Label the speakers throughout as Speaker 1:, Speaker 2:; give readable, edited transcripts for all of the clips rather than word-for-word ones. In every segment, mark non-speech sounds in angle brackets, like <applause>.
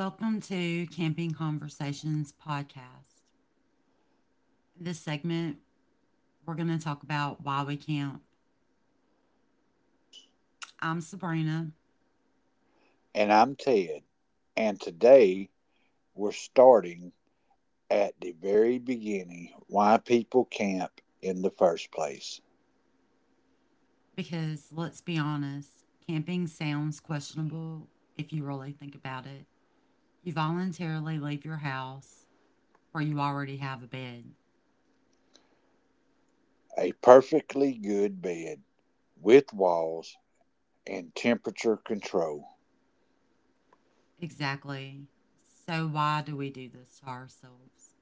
Speaker 1: Welcome to Camping Conversations podcast. In this segment, we're going to talk about why we camp. I'm Sabrina,
Speaker 2: And I'm Ted, and today we're starting at the very beginning why people camp in the first place.
Speaker 1: because let's be honest, camping sounds questionable if you really think about it. You voluntarily leave your house where you already have a bed.
Speaker 2: A perfectly good bed with walls and temperature control.
Speaker 1: Exactly. So, why do we do this to ourselves?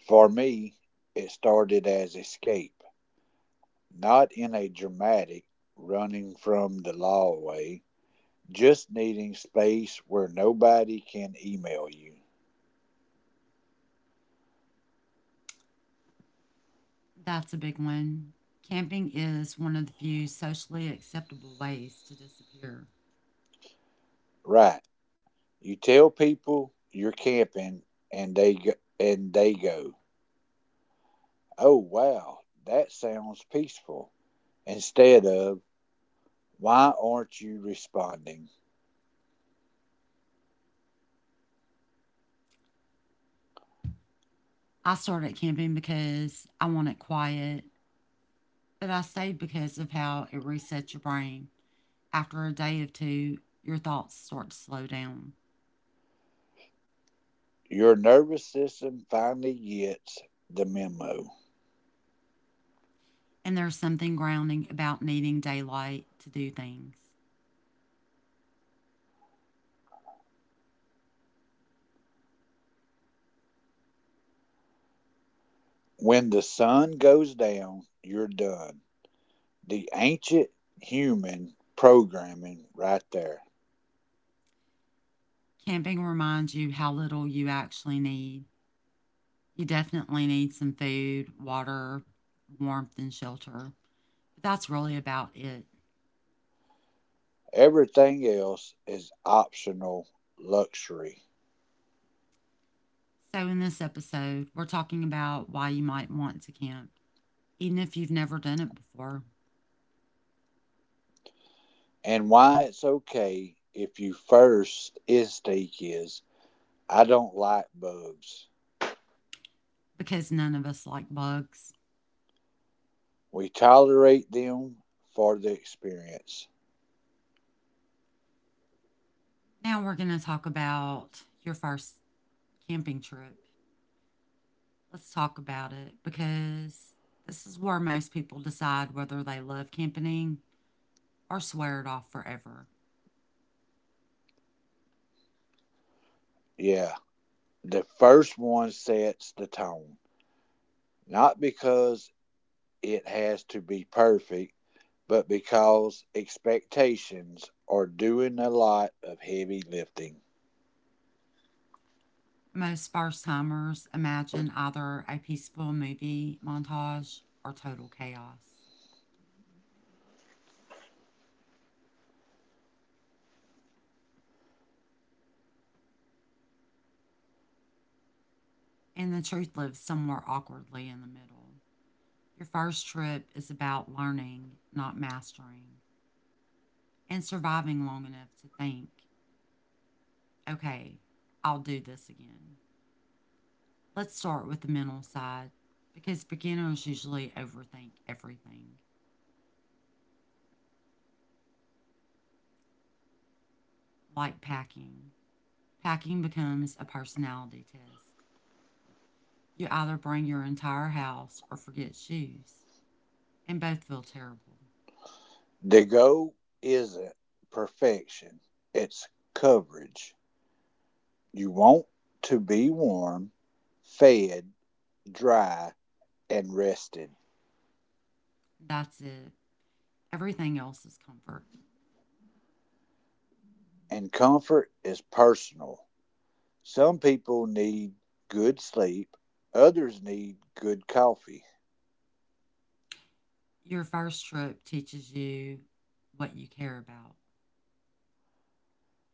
Speaker 2: For me, it started as escape, not in a dramatic running from the law way, just needing space where nobody can email you.
Speaker 1: That's a big one. Camping is one of the few socially acceptable ways to disappear.
Speaker 2: Right, you tell people you're camping and they go, and they go, "Oh, wow, that sounds peaceful." Instead of, "Why aren't you responding?"
Speaker 1: I started camping because I wanted quiet, but I stayed because of how it resets your brain. After a day or two, your thoughts start to slow down.
Speaker 2: Your nervous system finally gets the memo.
Speaker 1: And there's something grounding about needing daylight to do things.
Speaker 2: When the sun goes down, you're done. The ancient human programming right there.
Speaker 1: Camping reminds you how little you actually need. You definitely need some food, water, warmth, and shelter, but that's really about it.
Speaker 2: Everything else is optional luxury.
Speaker 1: So, in this episode, we're talking about why you might want to camp, even if you've never done it before.
Speaker 2: And why it's okay if you first instinct is I don't like bugs.
Speaker 1: Because none of us like bugs.
Speaker 2: We tolerate them for the experience.
Speaker 1: Now we're going to talk about your first camping trip. Let's talk about it because this is where most people decide whether they love camping or swear it off forever.
Speaker 2: Yeah, the first one sets the tone, not because it has to be perfect, but because expectations are doing a lot of heavy lifting.
Speaker 1: Most first timers imagine either a peaceful movie montage or total chaos. And the truth lives somewhere awkwardly in the middle. Your first trip is about learning, not mastering, and surviving long enough to think, okay, I'll do this again. Let's start with the mental side because beginners usually overthink everything, like packing. Packing becomes a personality test. You either bring your entire house or forget shoes, and both feel terrible.
Speaker 2: The goal isn't perfection, it's coverage. You want to be warm, fed, dry, and rested.
Speaker 1: That's it. Everything else is comfort.
Speaker 2: And comfort is personal. Some people need good sleep, others need good coffee.
Speaker 1: Your first trip teaches you what you care about.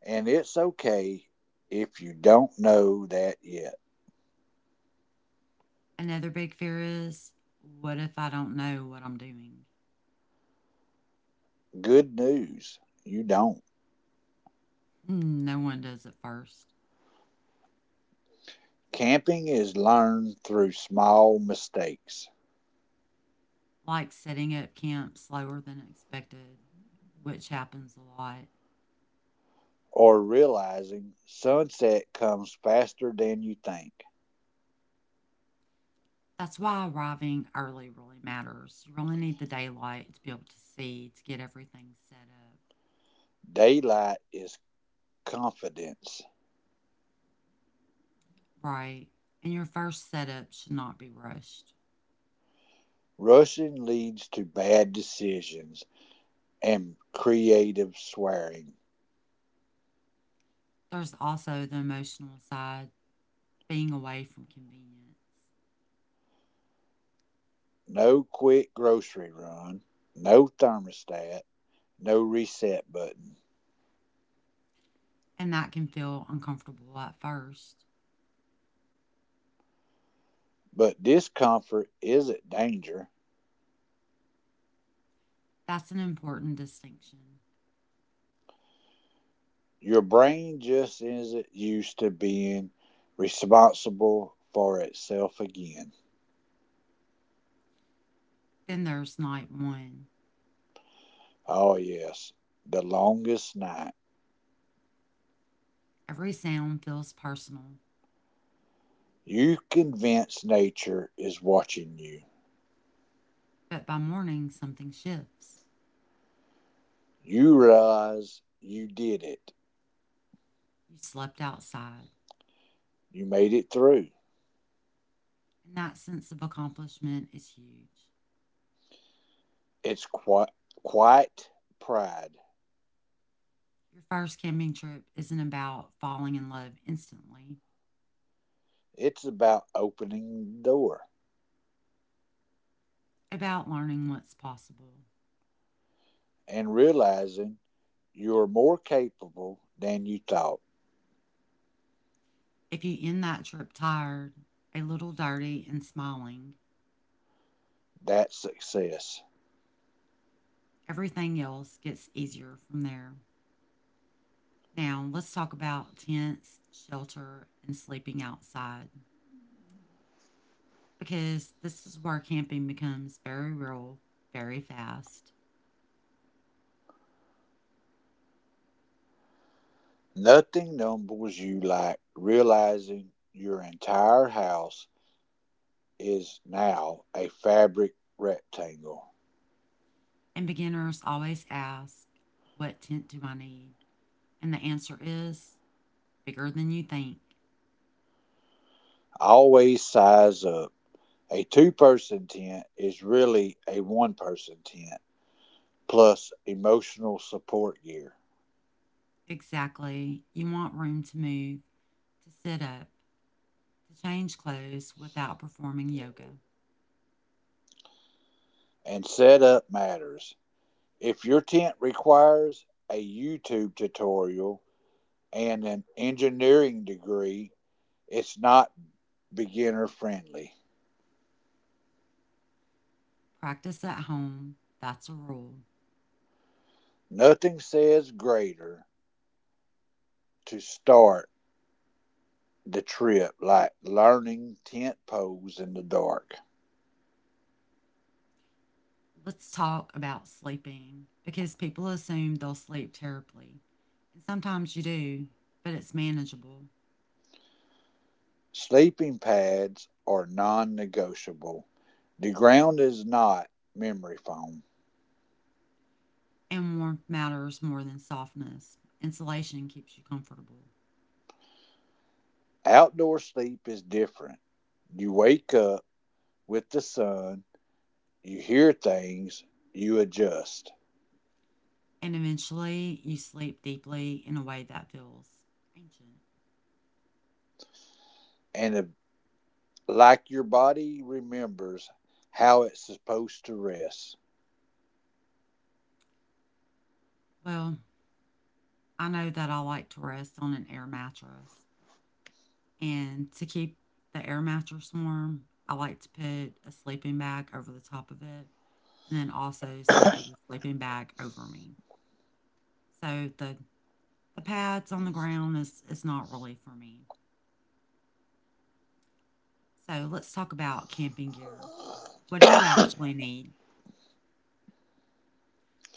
Speaker 2: And it's okay if you don't know that yet.
Speaker 1: Another big fear is, what if I don't know what I'm doing?
Speaker 2: Good news, you don't.
Speaker 1: Hmm. No one does at first.
Speaker 2: Camping is learned through small mistakes
Speaker 1: Like setting up camp slower than expected, which happens a lot.
Speaker 2: or realizing sunset comes faster than you think.
Speaker 1: That's why arriving early really matters. You really need the daylight to be able to see to get everything set up
Speaker 2: Daylight is confidence.
Speaker 1: right. And your first setup should not be rushed.
Speaker 2: Rushing leads to bad decisions and creative swearing.
Speaker 1: There's also the emotional side, being away from convenience,
Speaker 2: No quick grocery run, no thermostat, no reset button.
Speaker 1: and that can feel uncomfortable at first.
Speaker 2: But discomfort isn't danger.
Speaker 1: That's an important distinction.
Speaker 2: Your brain just isn't used to being responsible for itself again.
Speaker 1: Then there's night one.
Speaker 2: Oh, yes, the longest night.
Speaker 1: Every sound feels personal,
Speaker 2: You convince nature is watching you.
Speaker 1: but by morning, something shifts.
Speaker 2: You realize you did it.
Speaker 1: You slept outside,
Speaker 2: You made it through.
Speaker 1: and that sense of accomplishment is huge.
Speaker 2: It's quite pride.
Speaker 1: Your first camping trip isn't about falling in love instantly,
Speaker 2: It's about opening the door
Speaker 1: about learning what's possible.
Speaker 2: and realizing you're more capable than you thought.
Speaker 1: If you end that trip tired, a little dirty, and smiling,
Speaker 2: That's success.
Speaker 1: everything else gets easier from there. Now, let's talk about tents, shelter, and sleeping outside because this is where camping becomes very real very fast.
Speaker 2: Nothing numbs you like realizing your entire house is now a fabric rectangle,
Speaker 1: And beginners always ask, what tent do I need? And the answer is bigger than you think.
Speaker 2: always size up. A two-person tent is really a one person tent, plus emotional support gear.
Speaker 1: Exactly. You want room to move, to sit up, to change clothes without performing yoga.
Speaker 2: And setup matters. If your tent requires a YouTube tutorial and an engineering degree, it's not beginner friendly.
Speaker 1: Practice at home. That's a rule.
Speaker 2: Nothing says greater to start the trip like learning tent poles in the dark.
Speaker 1: Let's talk about sleeping because people assume they'll sleep terribly. And sometimes you do, but it's manageable.
Speaker 2: Sleeping pads are non negotiable. The ground is not memory foam.
Speaker 1: And warmth matters more than softness. Insulation keeps you comfortable.
Speaker 2: Outdoor sleep is different. You wake up with the sun, you hear things, you adjust.
Speaker 1: And eventually, you sleep deeply in a way that feels ancient.
Speaker 2: And if, like, your body remembers how it's supposed to rest,
Speaker 1: Well, I know that I like to rest on an air mattress, and to keep the air mattress warm, I like to put a sleeping bag over the top of it, and then also sleep with the sleeping bag over me. So the pads on the ground is not really for me. So let's talk about camping gear. What do you actually need?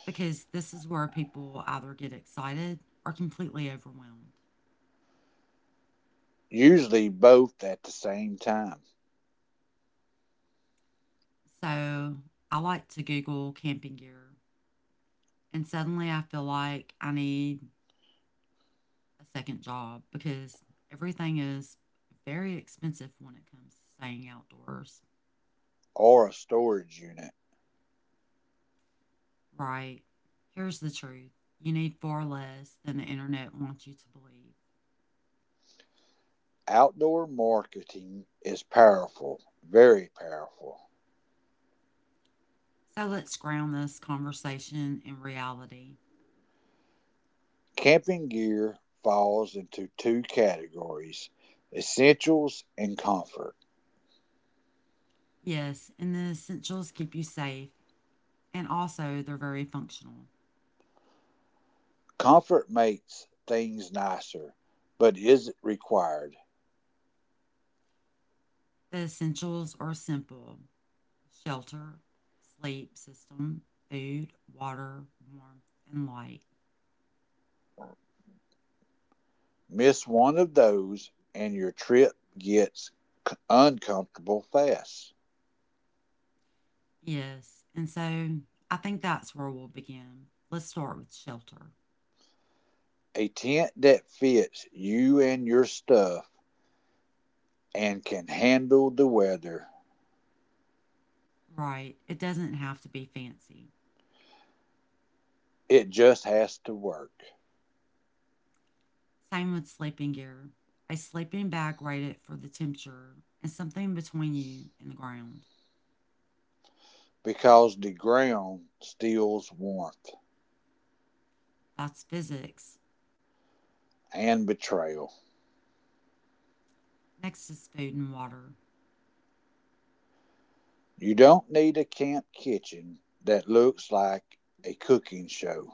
Speaker 1: Because this is where people either get excited or completely overwhelmed.
Speaker 2: usually both at the same time,
Speaker 1: So I like to Google camping gear. And suddenly I feel like I need a second job because everything is very expensive when it comes to staying outdoors,
Speaker 2: or a storage unit.
Speaker 1: right? Here's the truth: you need far less than the internet wants you to believe.
Speaker 2: Outdoor marketing is powerful, very powerful.
Speaker 1: So let's ground this conversation in reality.
Speaker 2: Camping gear falls into two categories, essentials and comfort.
Speaker 1: Yes, and the essentials keep you safe, and also they're very functional.
Speaker 2: Comfort makes things nicer, but is it required?
Speaker 1: The essentials are simple: shelter, sleep system, food, water, warmth, and light.
Speaker 2: Miss one of those and your trip gets uncomfortable fast.
Speaker 1: Yes. And so I think that's where we'll begin. Let's start with shelter.
Speaker 2: A tent that fits you and your stuff and can handle the weather,
Speaker 1: Right. It doesn't have to be fancy.
Speaker 2: it just has to work
Speaker 1: Same with sleeping gear. A sleeping bag rated for the temperature and something between you and the ground.
Speaker 2: because the ground steals warmth
Speaker 1: That's physics.
Speaker 2: and betrayal.
Speaker 1: Next is food and water.
Speaker 2: You don't need a camp kitchen that looks like a cooking show.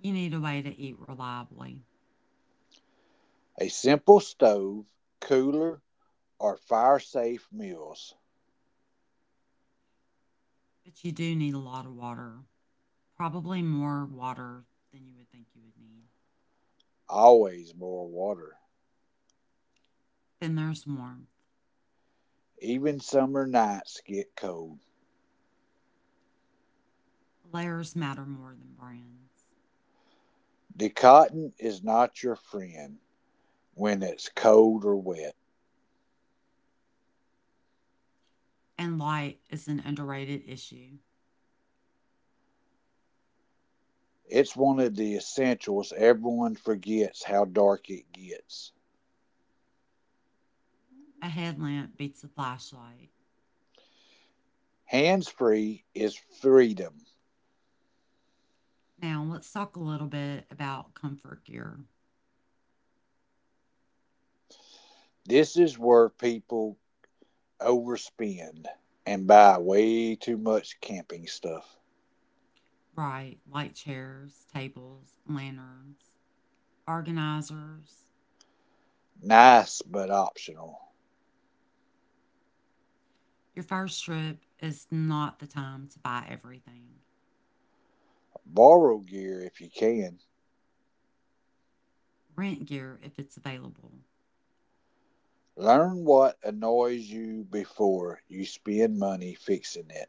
Speaker 1: You need a way to eat reliably,
Speaker 2: A simple stove, cooler, or fire safe meals.
Speaker 1: but you do need a lot of water. Probably more water than you would think you would need.
Speaker 2: Always more water.
Speaker 1: Then there's warmth.
Speaker 2: Even summer nights get cold.
Speaker 1: Layers matter more than brands.
Speaker 2: The cotton is not your friend when it's cold or wet.
Speaker 1: And light is an underrated issue.
Speaker 2: It's one of the essentials everyone forgets how dark it gets.
Speaker 1: A headlamp beats a flashlight.
Speaker 2: Hands free is freedom.
Speaker 1: Now, let's talk a little bit about comfort gear.
Speaker 2: This is where people overspend and buy way too much camping stuff.
Speaker 1: Right, light chairs, tables, lanterns, organizers.
Speaker 2: Nice but optional.
Speaker 1: Your first trip is not the time to buy everything.
Speaker 2: Borrow gear if you can.
Speaker 1: Rent gear if it's available.
Speaker 2: Learn what annoys you before you spend money fixing it.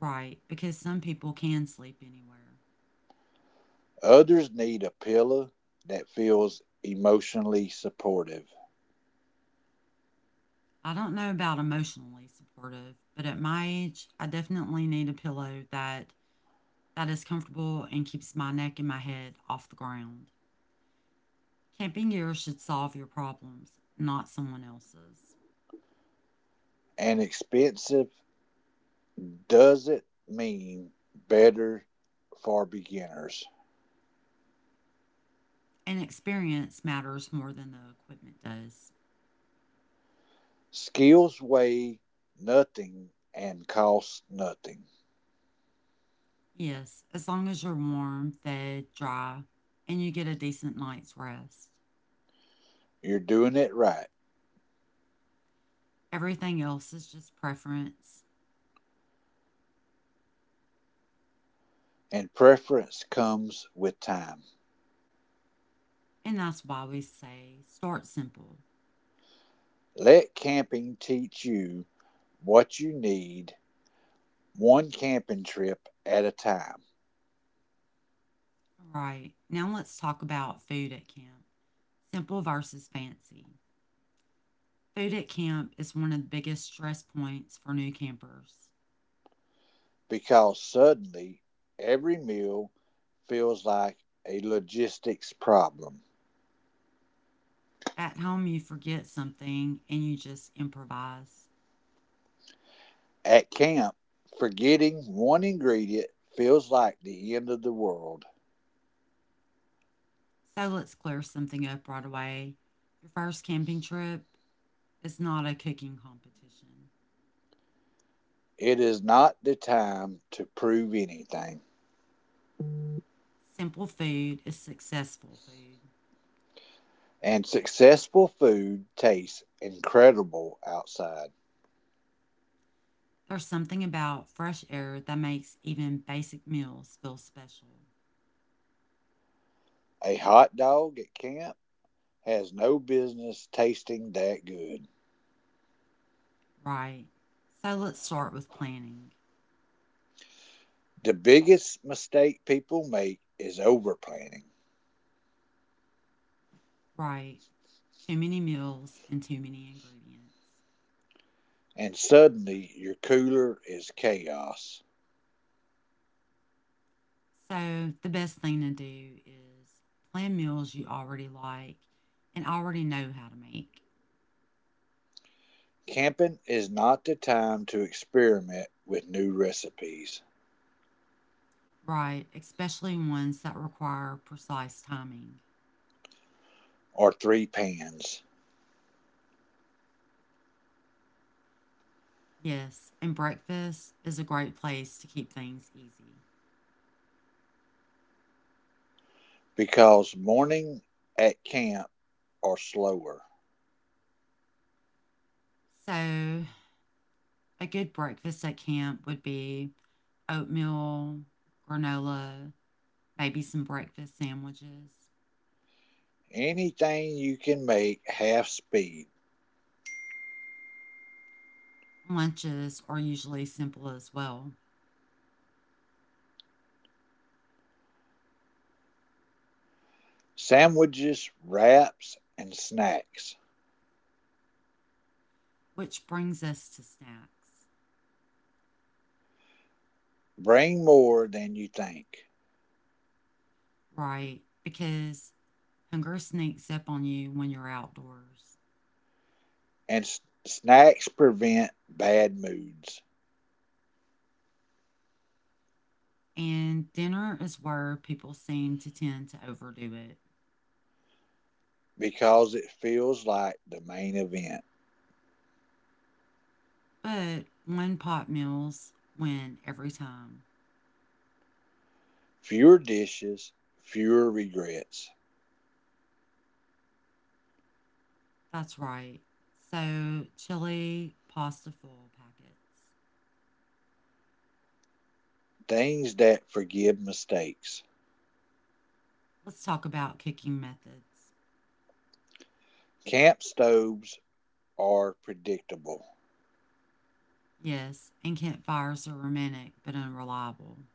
Speaker 1: Right, because some people can sleep anywhere.
Speaker 2: Others need a pillow that feels emotionally supportive
Speaker 1: I don't know about emotionally supportive, but at my age, I definitely need a pillow that is comfortable and keeps my neck and my head off the ground. Camping gear should solve your problems, not someone else's.
Speaker 2: and expensive doesn't mean better for beginners.
Speaker 1: And experience matters more than the equipment does.
Speaker 2: Skills weigh nothing and cost nothing.
Speaker 1: Yes, as long as you're warm, fed, dry, and you get a decent night's rest.
Speaker 2: You're doing it right,
Speaker 1: Everything else is just preference.
Speaker 2: and preference comes with time.
Speaker 1: And that's why we say start simple.
Speaker 2: Let camping teach you what you need, one camping trip at a time.
Speaker 1: All right, now let's talk about food at camp, simple versus fancy. Food at camp is one of the biggest stress points for new campers.
Speaker 2: Because suddenly every meal feels like a logistics problem.
Speaker 1: At home, you forget something and you just improvise.
Speaker 2: At camp, forgetting one ingredient feels like the end of the world.
Speaker 1: So let's clear something up right away. Your first camping trip is not a cooking competition.
Speaker 2: It is not the time to prove anything,
Speaker 1: Simple food is successful food.
Speaker 2: and successful food tastes incredible outside.
Speaker 1: There's something about fresh air that makes even basic meals feel special.
Speaker 2: A hot dog at camp has no business tasting that good.
Speaker 1: Right. So let's start with planning.
Speaker 2: The biggest mistake people make is overplanning,
Speaker 1: Right. Too many meals and too many ingredients.
Speaker 2: and suddenly your cooler is chaos.
Speaker 1: So the best thing to do is plan meals you already like and already know how to make,
Speaker 2: Camping is not the time to experiment with new recipes
Speaker 1: right? Especially ones that require precise timing.
Speaker 2: or three pans
Speaker 1: Yes, and breakfast is a great place to keep things easy.
Speaker 2: because morning at camp are slower.
Speaker 1: So, a good breakfast at camp would be oatmeal, granola, maybe some breakfast sandwiches.
Speaker 2: Anything you can make half speed
Speaker 1: Lunches are usually simple as well,
Speaker 2: sandwiches, wraps, and snacks.
Speaker 1: which brings us to snacks,
Speaker 2: Bring more than you think.
Speaker 1: right? Because hunger sneaks up on you when you're outdoors.
Speaker 2: And snacks prevent bad moods
Speaker 1: And dinner is where people seem to tend to overdo it.
Speaker 2: because it feels like the main event.
Speaker 1: But one pot meals win every time.
Speaker 2: Fewer dishes, fewer regrets.
Speaker 1: That's right. So, chili, pasta full packets.
Speaker 2: Things that forgive mistakes.
Speaker 1: Let's talk about cooking methods.
Speaker 2: Camp stoves are predictable.
Speaker 1: Yes, and campfires are romantic but unreliable,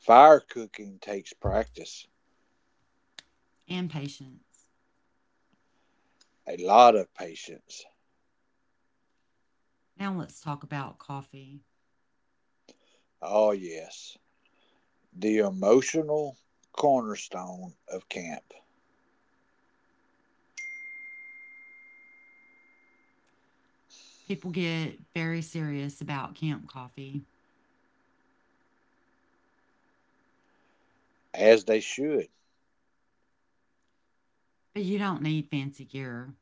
Speaker 2: Fire cooking takes practice,
Speaker 1: and patience.
Speaker 2: a lot of patience.
Speaker 1: Now, let's talk about coffee.
Speaker 2: Oh, yes, the emotional cornerstone of camp,
Speaker 1: People get very serious about camp coffee,
Speaker 2: as they should.
Speaker 1: but you don't need fancy gear.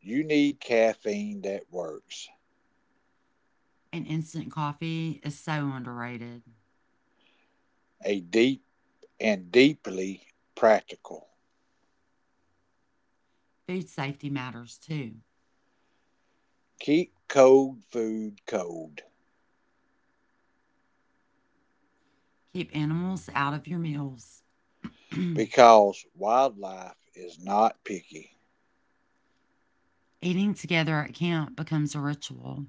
Speaker 2: You need caffeine that works,
Speaker 1: And instant coffee is so underrated.
Speaker 2: a deep and deeply practical.
Speaker 1: Food safety matters too.
Speaker 2: Keep cold food cold.
Speaker 1: Keep animals out of your meals. <clears throat>
Speaker 2: Because wildlife is not picky.
Speaker 1: Eating together at camp becomes a ritual.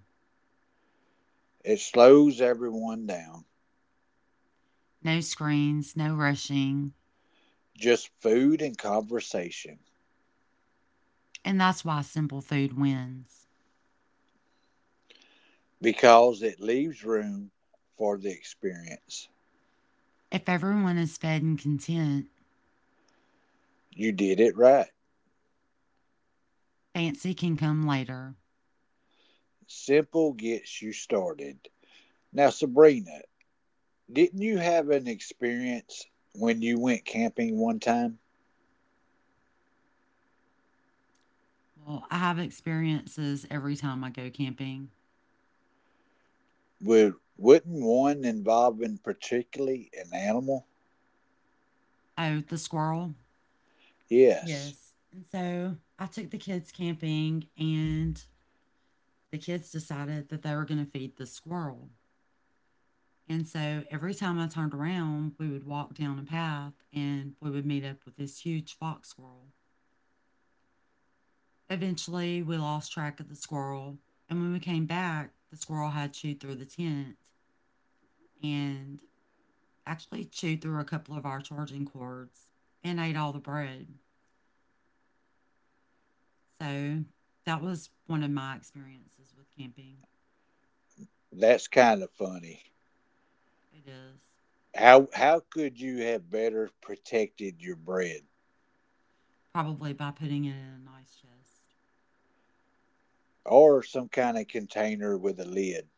Speaker 2: It slows everyone down,
Speaker 1: No screens, no rushing,
Speaker 2: just food and conversation,
Speaker 1: and that's why simple food wins.
Speaker 2: because it leaves room for the experience.
Speaker 1: If everyone is fed and content,
Speaker 2: You did it right.
Speaker 1: fancy can come later.
Speaker 2: Simple gets you started. Now, Sabrina, didn't you have an experience when you went camping one time?
Speaker 1: Well, I have experiences every time I go camping.
Speaker 2: Wouldn't one involving particularly an animal?
Speaker 1: Oh, the squirrel?
Speaker 2: Yes,
Speaker 1: Yes. And so I took the kids camping and the kids decided that they were going to feed the squirrel. And so every time I turned around, we would walk down a path and we would meet up with this huge fox squirrel. Eventually, we lost track of the squirrel. And when we came back, the squirrel had chewed through the tent and actually chewed through a couple of our charging cords and ate all the bread. So that was one of my experiences with camping.
Speaker 2: that's kind of funny.
Speaker 1: It is.
Speaker 2: How could you have better protected your bread
Speaker 1: Probably by putting it in a nice chest.
Speaker 2: or some kind of container with a lid?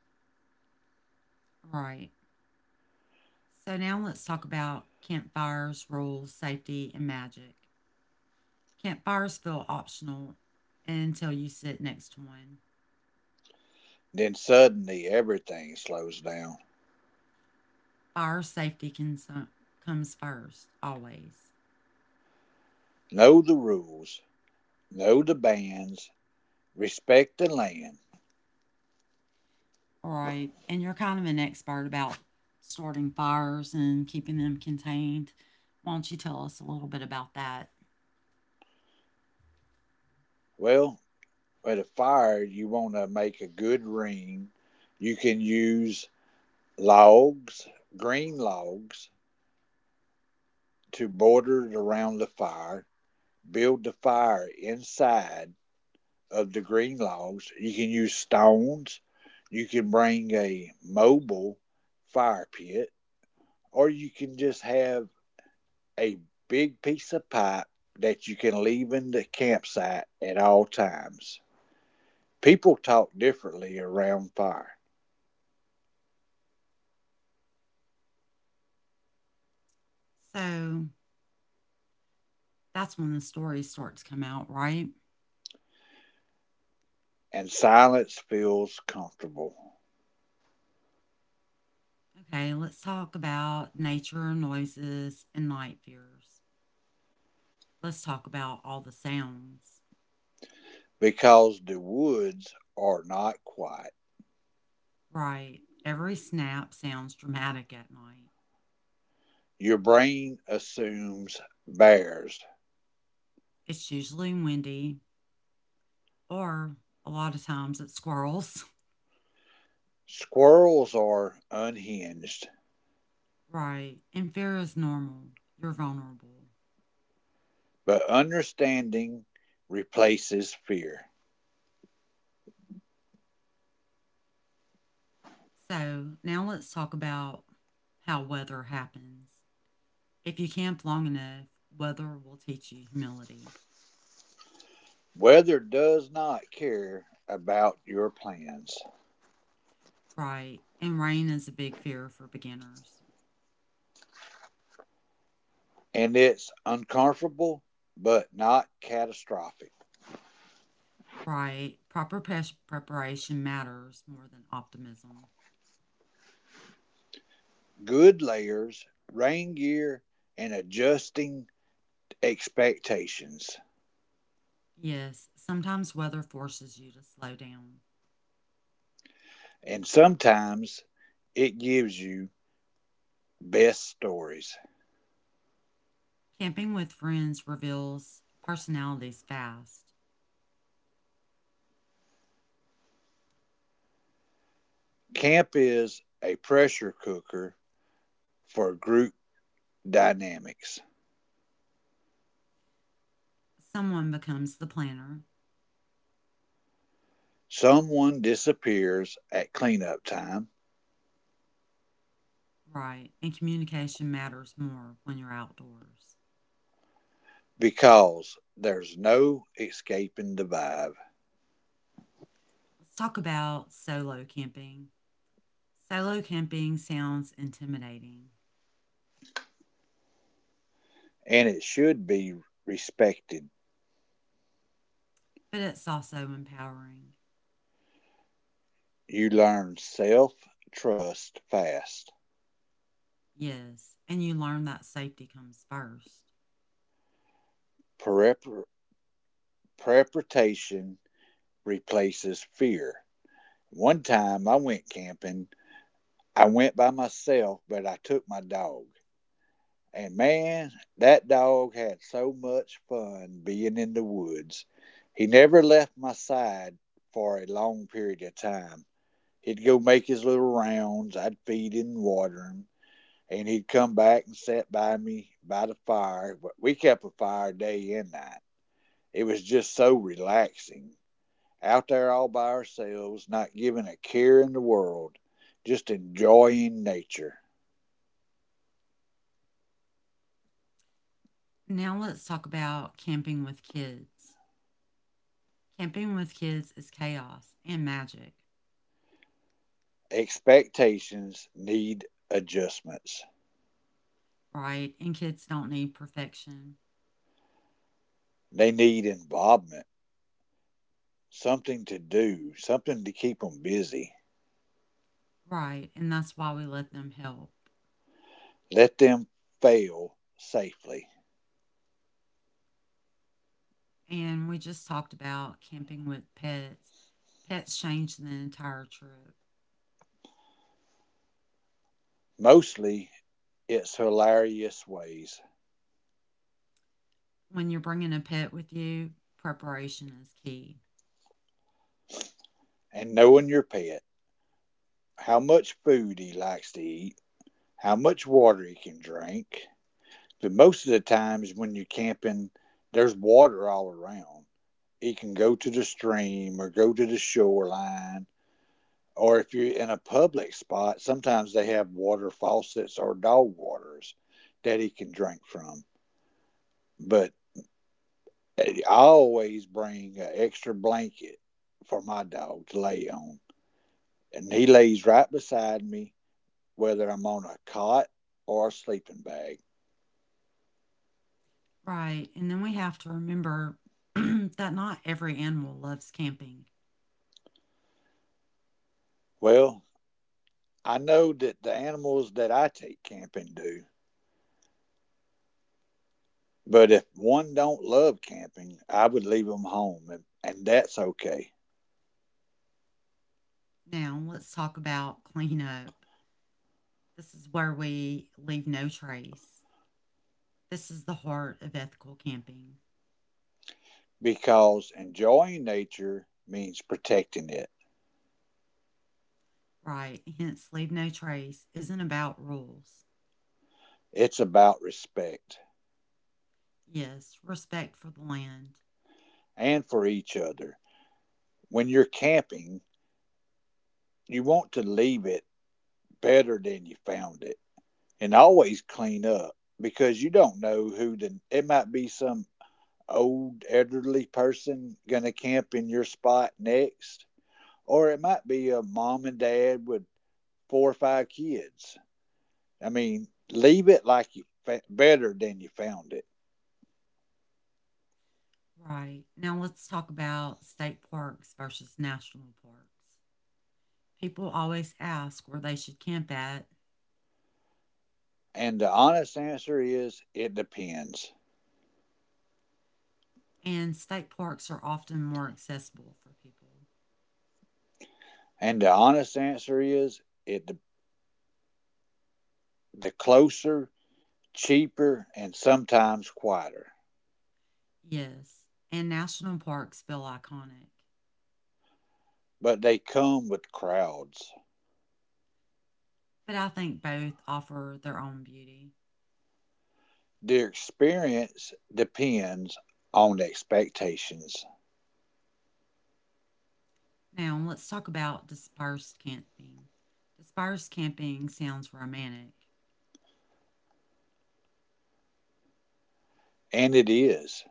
Speaker 1: Right. So now let's talk about campfires, rules, safety, and magic. Campfires feel optional until you sit next to one.
Speaker 2: Then suddenly everything slows down.
Speaker 1: Fire safety can, comes first, always.
Speaker 2: Know the rules, know the bans, respect the land.
Speaker 1: All right. And you're kind of an expert about starting fires and keeping them contained. Why don't you tell us a little bit about that?
Speaker 2: Well, at a fire you want to make a good ring. You can use logs, green logs, to border it around the fire. Build the fire inside of the green logs. You can use stones. You can bring a mobile fire pit, or you can just have a big piece of pipe that you can leave in the campsite at all times. People talk differently around fire,
Speaker 1: So that's when the stories start to come out, right?
Speaker 2: and silence feels comfortable
Speaker 1: Okay, let's talk about nature, noises, and night fears. Let's talk about all the sounds.
Speaker 2: because the woods are not quiet.
Speaker 1: Right. Every snap sounds dramatic at night.
Speaker 2: Your brain assumes bears.
Speaker 1: It's usually windy, or a lot of times it's squirrels. <laughs>
Speaker 2: Squirrels are unhinged.
Speaker 1: Right. And fear is normal. You're vulnerable.
Speaker 2: But understanding replaces fear.
Speaker 1: So now let's talk about how weather happens. If you camp long enough, weather will teach you humility.
Speaker 2: Weather does not care about your plans,
Speaker 1: Right. And rain is a big fear for beginners.
Speaker 2: and it's uncomfortable but not catastrophic.
Speaker 1: Right. Preparation matters more than optimism.
Speaker 2: Good layers, rain gear, and adjusting expectations.
Speaker 1: Yes, sometimes weather forces you to slow down.
Speaker 2: And sometimes it gives you best stories.
Speaker 1: Camping with friends reveals personalities fast.
Speaker 2: Camp is a pressure cooker for group dynamics.
Speaker 1: Someone becomes the planner,
Speaker 2: Someone disappears at cleanup time
Speaker 1: right? And communication matters more when you're outdoors.
Speaker 2: because there's no escaping the vibe
Speaker 1: Let's talk about solo camping. Solo camping sounds intimidating,
Speaker 2: and it should be respected.
Speaker 1: but it's also empowering.
Speaker 2: You learn self trust fast.
Speaker 1: Yes, and you learn that safety comes first.
Speaker 2: Prep- Preparation replaces fear. One time I went camping, I went by myself, but I took my dog. And, man, that dog had so much fun being in the woods. He never left my side for a long period of time. He'd go make his little rounds, I'd feed him and water him, and he'd come back and sit by me by the fire we kept a fire day and night. It was just so relaxing, out there all by ourselves, not giving a care in the world, just enjoying nature.
Speaker 1: Now let's talk about camping with kids. Camping with kids is chaos and magic.
Speaker 2: Expectations need adjustments.
Speaker 1: Right, and kids don't need perfection.
Speaker 2: They need involvement, something to do, something to keep them busy.
Speaker 1: Right, and that's why we let them help.
Speaker 2: Let them fail safely.
Speaker 1: And we just talked about camping with pets. Pets change the entire trip.
Speaker 2: Mostly its hilarious ways,
Speaker 1: When you're bringing a pet with you, preparation is key.
Speaker 2: and knowing your pet, how much food he likes to eat, how much water he can drink. But most of the times when you're camping, there's water all around. He can go to the stream or go to the shoreline, or if you're in a public spot, sometimes they have water faucets or dog waters that he can drink from. But I always bring an extra blanket for my dog to lay on and he lays right beside me, whether I'm on a cot or a sleeping bag.
Speaker 1: Right, and then we have to remember <clears throat> that not every animal loves camping.
Speaker 2: Well, I know that the animals that I take camping do, but if one don't love camping, I would leave them home, and that's okay
Speaker 1: Now, let's talk about cleanup. This is where we leave no trace. This is the heart of ethical camping.
Speaker 2: because enjoying nature means protecting it.
Speaker 1: Right, hence leave no trace isn't about rules.
Speaker 2: It's about respect
Speaker 1: Yes, respect for the land.
Speaker 2: and for each other. When you're camping, you want to leave it better than you found it. And always clean up because you don't know who the it might be. Some old elderly person gonna camp in your spot next, or it might be a mom and dad with four or five kids. I mean, leave it like you better than you found it
Speaker 1: Right. Now let's talk about state parks versus national parks. People always ask where they should camp at,
Speaker 2: and the honest answer is it depends
Speaker 1: and state parks are often more accessible for people.
Speaker 2: and the honest answer is it de- the closer cheaper and sometimes quieter
Speaker 1: Yes, and national parks feel iconic,
Speaker 2: but they come with crowds.
Speaker 1: but I think both offer their own beauty.
Speaker 2: Their experience depends on expectations,
Speaker 1: Now let's talk about dispersed camping. Dispersed camping sounds romantic.
Speaker 2: and it is,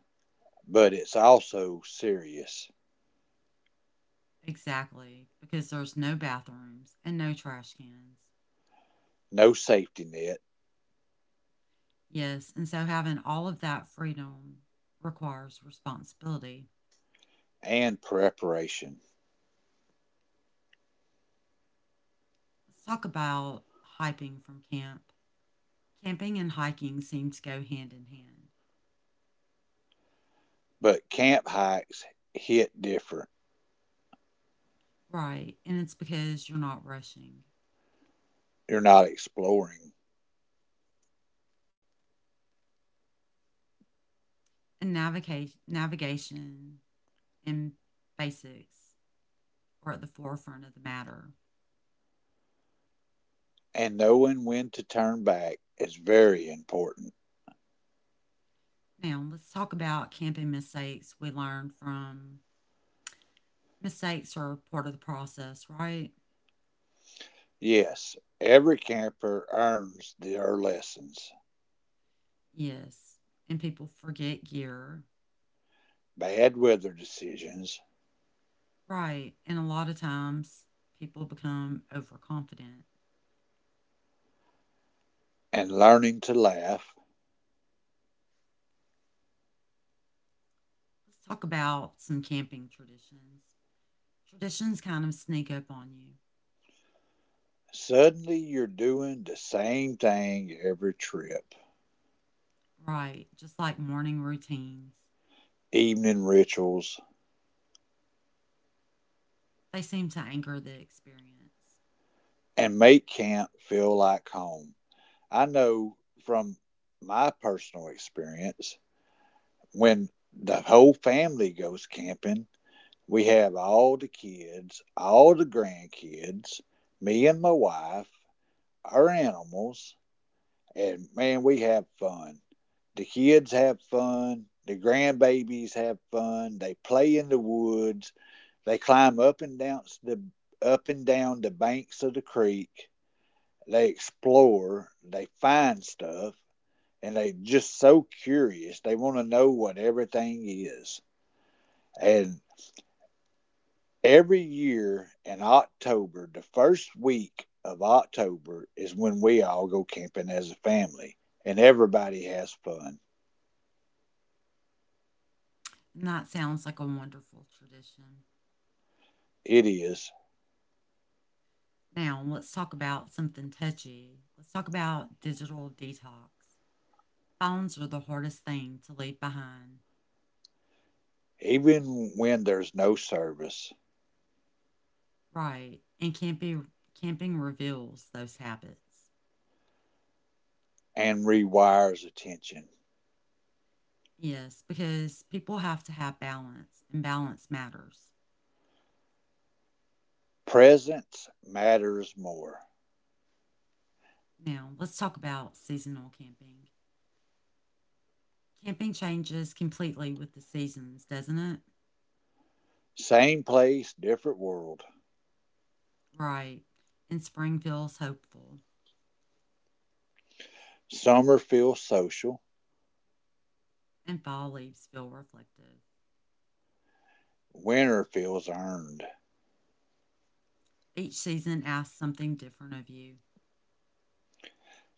Speaker 2: but it's also serious.
Speaker 1: Exactly, because there's no bathrooms and no trash cans.
Speaker 2: No safety net
Speaker 1: Yes, and so having all of that freedom requires responsibility.
Speaker 2: and preparation.
Speaker 1: Let's talk about hiking from camp. Camping and hiking seem to go hand in hand.
Speaker 2: But camp hikes hit different.
Speaker 1: Right, and it's because you're not rushing.
Speaker 2: You're not exploring,
Speaker 1: And navigation and basics are at the forefront of the matter.
Speaker 2: and knowing when to turn back is very important.
Speaker 1: Now, let's talk about camping mistakes we learned from. Mistakes are part of the process, right?
Speaker 2: Yes, every camper earns their lessons
Speaker 1: Yes, and people forget gear.
Speaker 2: bad weather decisions,
Speaker 1: Right, and a lot of times people become overconfident.
Speaker 2: and learning to laugh.
Speaker 1: Let's talk about some camping traditions. Traditions kind of sneak up on you.
Speaker 2: Suddenly you're doing the same thing every trip
Speaker 1: Right, just like morning routines.
Speaker 2: evening rituals
Speaker 1: They seem to anchor the experience.
Speaker 2: and make camp feel like home. I know from my personal experience when the whole family goes camping, we have all the kids, all the grandkids, me and my wife, our animals, and, man, we have fun. The kids have fun, the grandbabies have fun, they play in the woods, they climb up and down the banks of the creek. They explore. They find stuff, and they're just so curious. They want to know what everything is. And every year in October, the first week of October is when we all go camping as a family, and everybody has fun.
Speaker 1: And that sounds like a wonderful tradition.
Speaker 2: It is
Speaker 1: Now, let's talk about something touchy. Let's talk about digital detox. Phones are the hardest thing to leave behind.
Speaker 2: even when there's no service
Speaker 1: Right, and camping reveals those habits.
Speaker 2: and rewires attention.
Speaker 1: Yes, because people have to have balance, and balance matters.
Speaker 2: Presence matters more.
Speaker 1: Now, let's talk about seasonal camping. Camping changes completely with the seasons, doesn't it?
Speaker 2: Same place, different world.
Speaker 1: Right. And spring feels hopeful,
Speaker 2: Summer feels social,
Speaker 1: and fall leaves feel reflective.
Speaker 2: winter feels earned,
Speaker 1: Each season asks something different of you.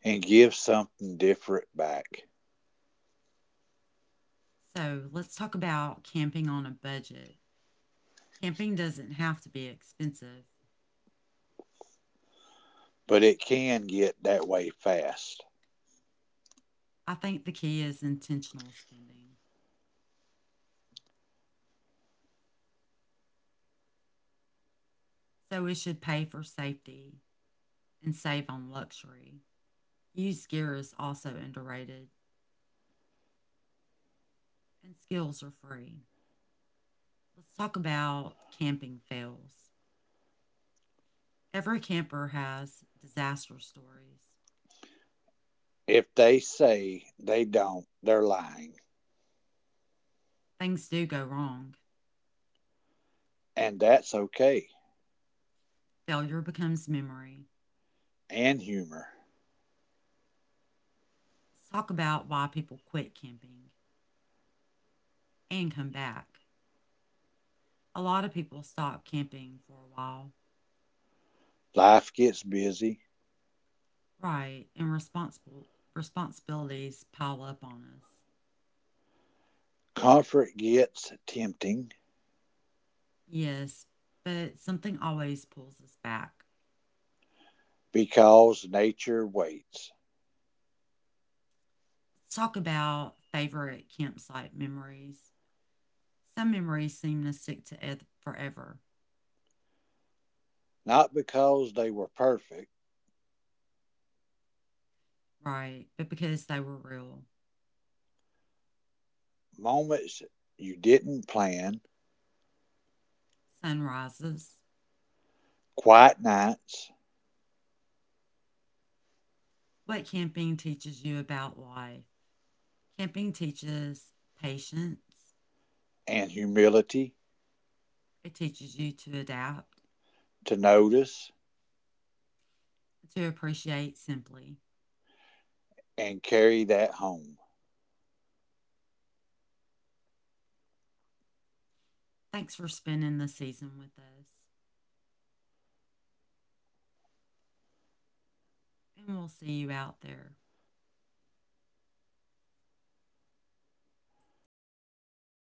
Speaker 2: and gives something different back.
Speaker 1: So, let's talk about camping on a budget. Camping doesn't have to be expensive.
Speaker 2: But it can get that way fast.
Speaker 1: I think the key is intentional spending. So we should pay for safety and save on luxury. Used gear is also underrated, and skills are free. Let's talk about camping fails. Every camper has disaster stories.
Speaker 2: If they say they don't, they're lying,
Speaker 1: Things do go wrong,
Speaker 2: and that's okay.
Speaker 1: failure becomes memory.
Speaker 2: And humor.
Speaker 1: Let's talk about why people quit camping and come back. A lot of people stop camping for a while,
Speaker 2: Life gets busy,
Speaker 1: right? And responsible responsibilities pile up on us.
Speaker 2: comfort gets tempting
Speaker 1: Yes, but something always pulls us back.
Speaker 2: because nature waits.
Speaker 1: Let's talk about favorite campsite memories. Some memories seem to forever,
Speaker 2: Not because they were perfect,
Speaker 1: right? But because they were real.
Speaker 2: moments you didn't plan,
Speaker 1: Sunrises.
Speaker 2: quiet nights,
Speaker 1: What camping teaches you about life? Camping teaches patience.
Speaker 2: and humility
Speaker 1: It teaches you to adapt,
Speaker 2: to notice
Speaker 1: to appreciate simply.
Speaker 2: and carry that home.
Speaker 1: Thanks for spending the season with us, and we'll see you out there.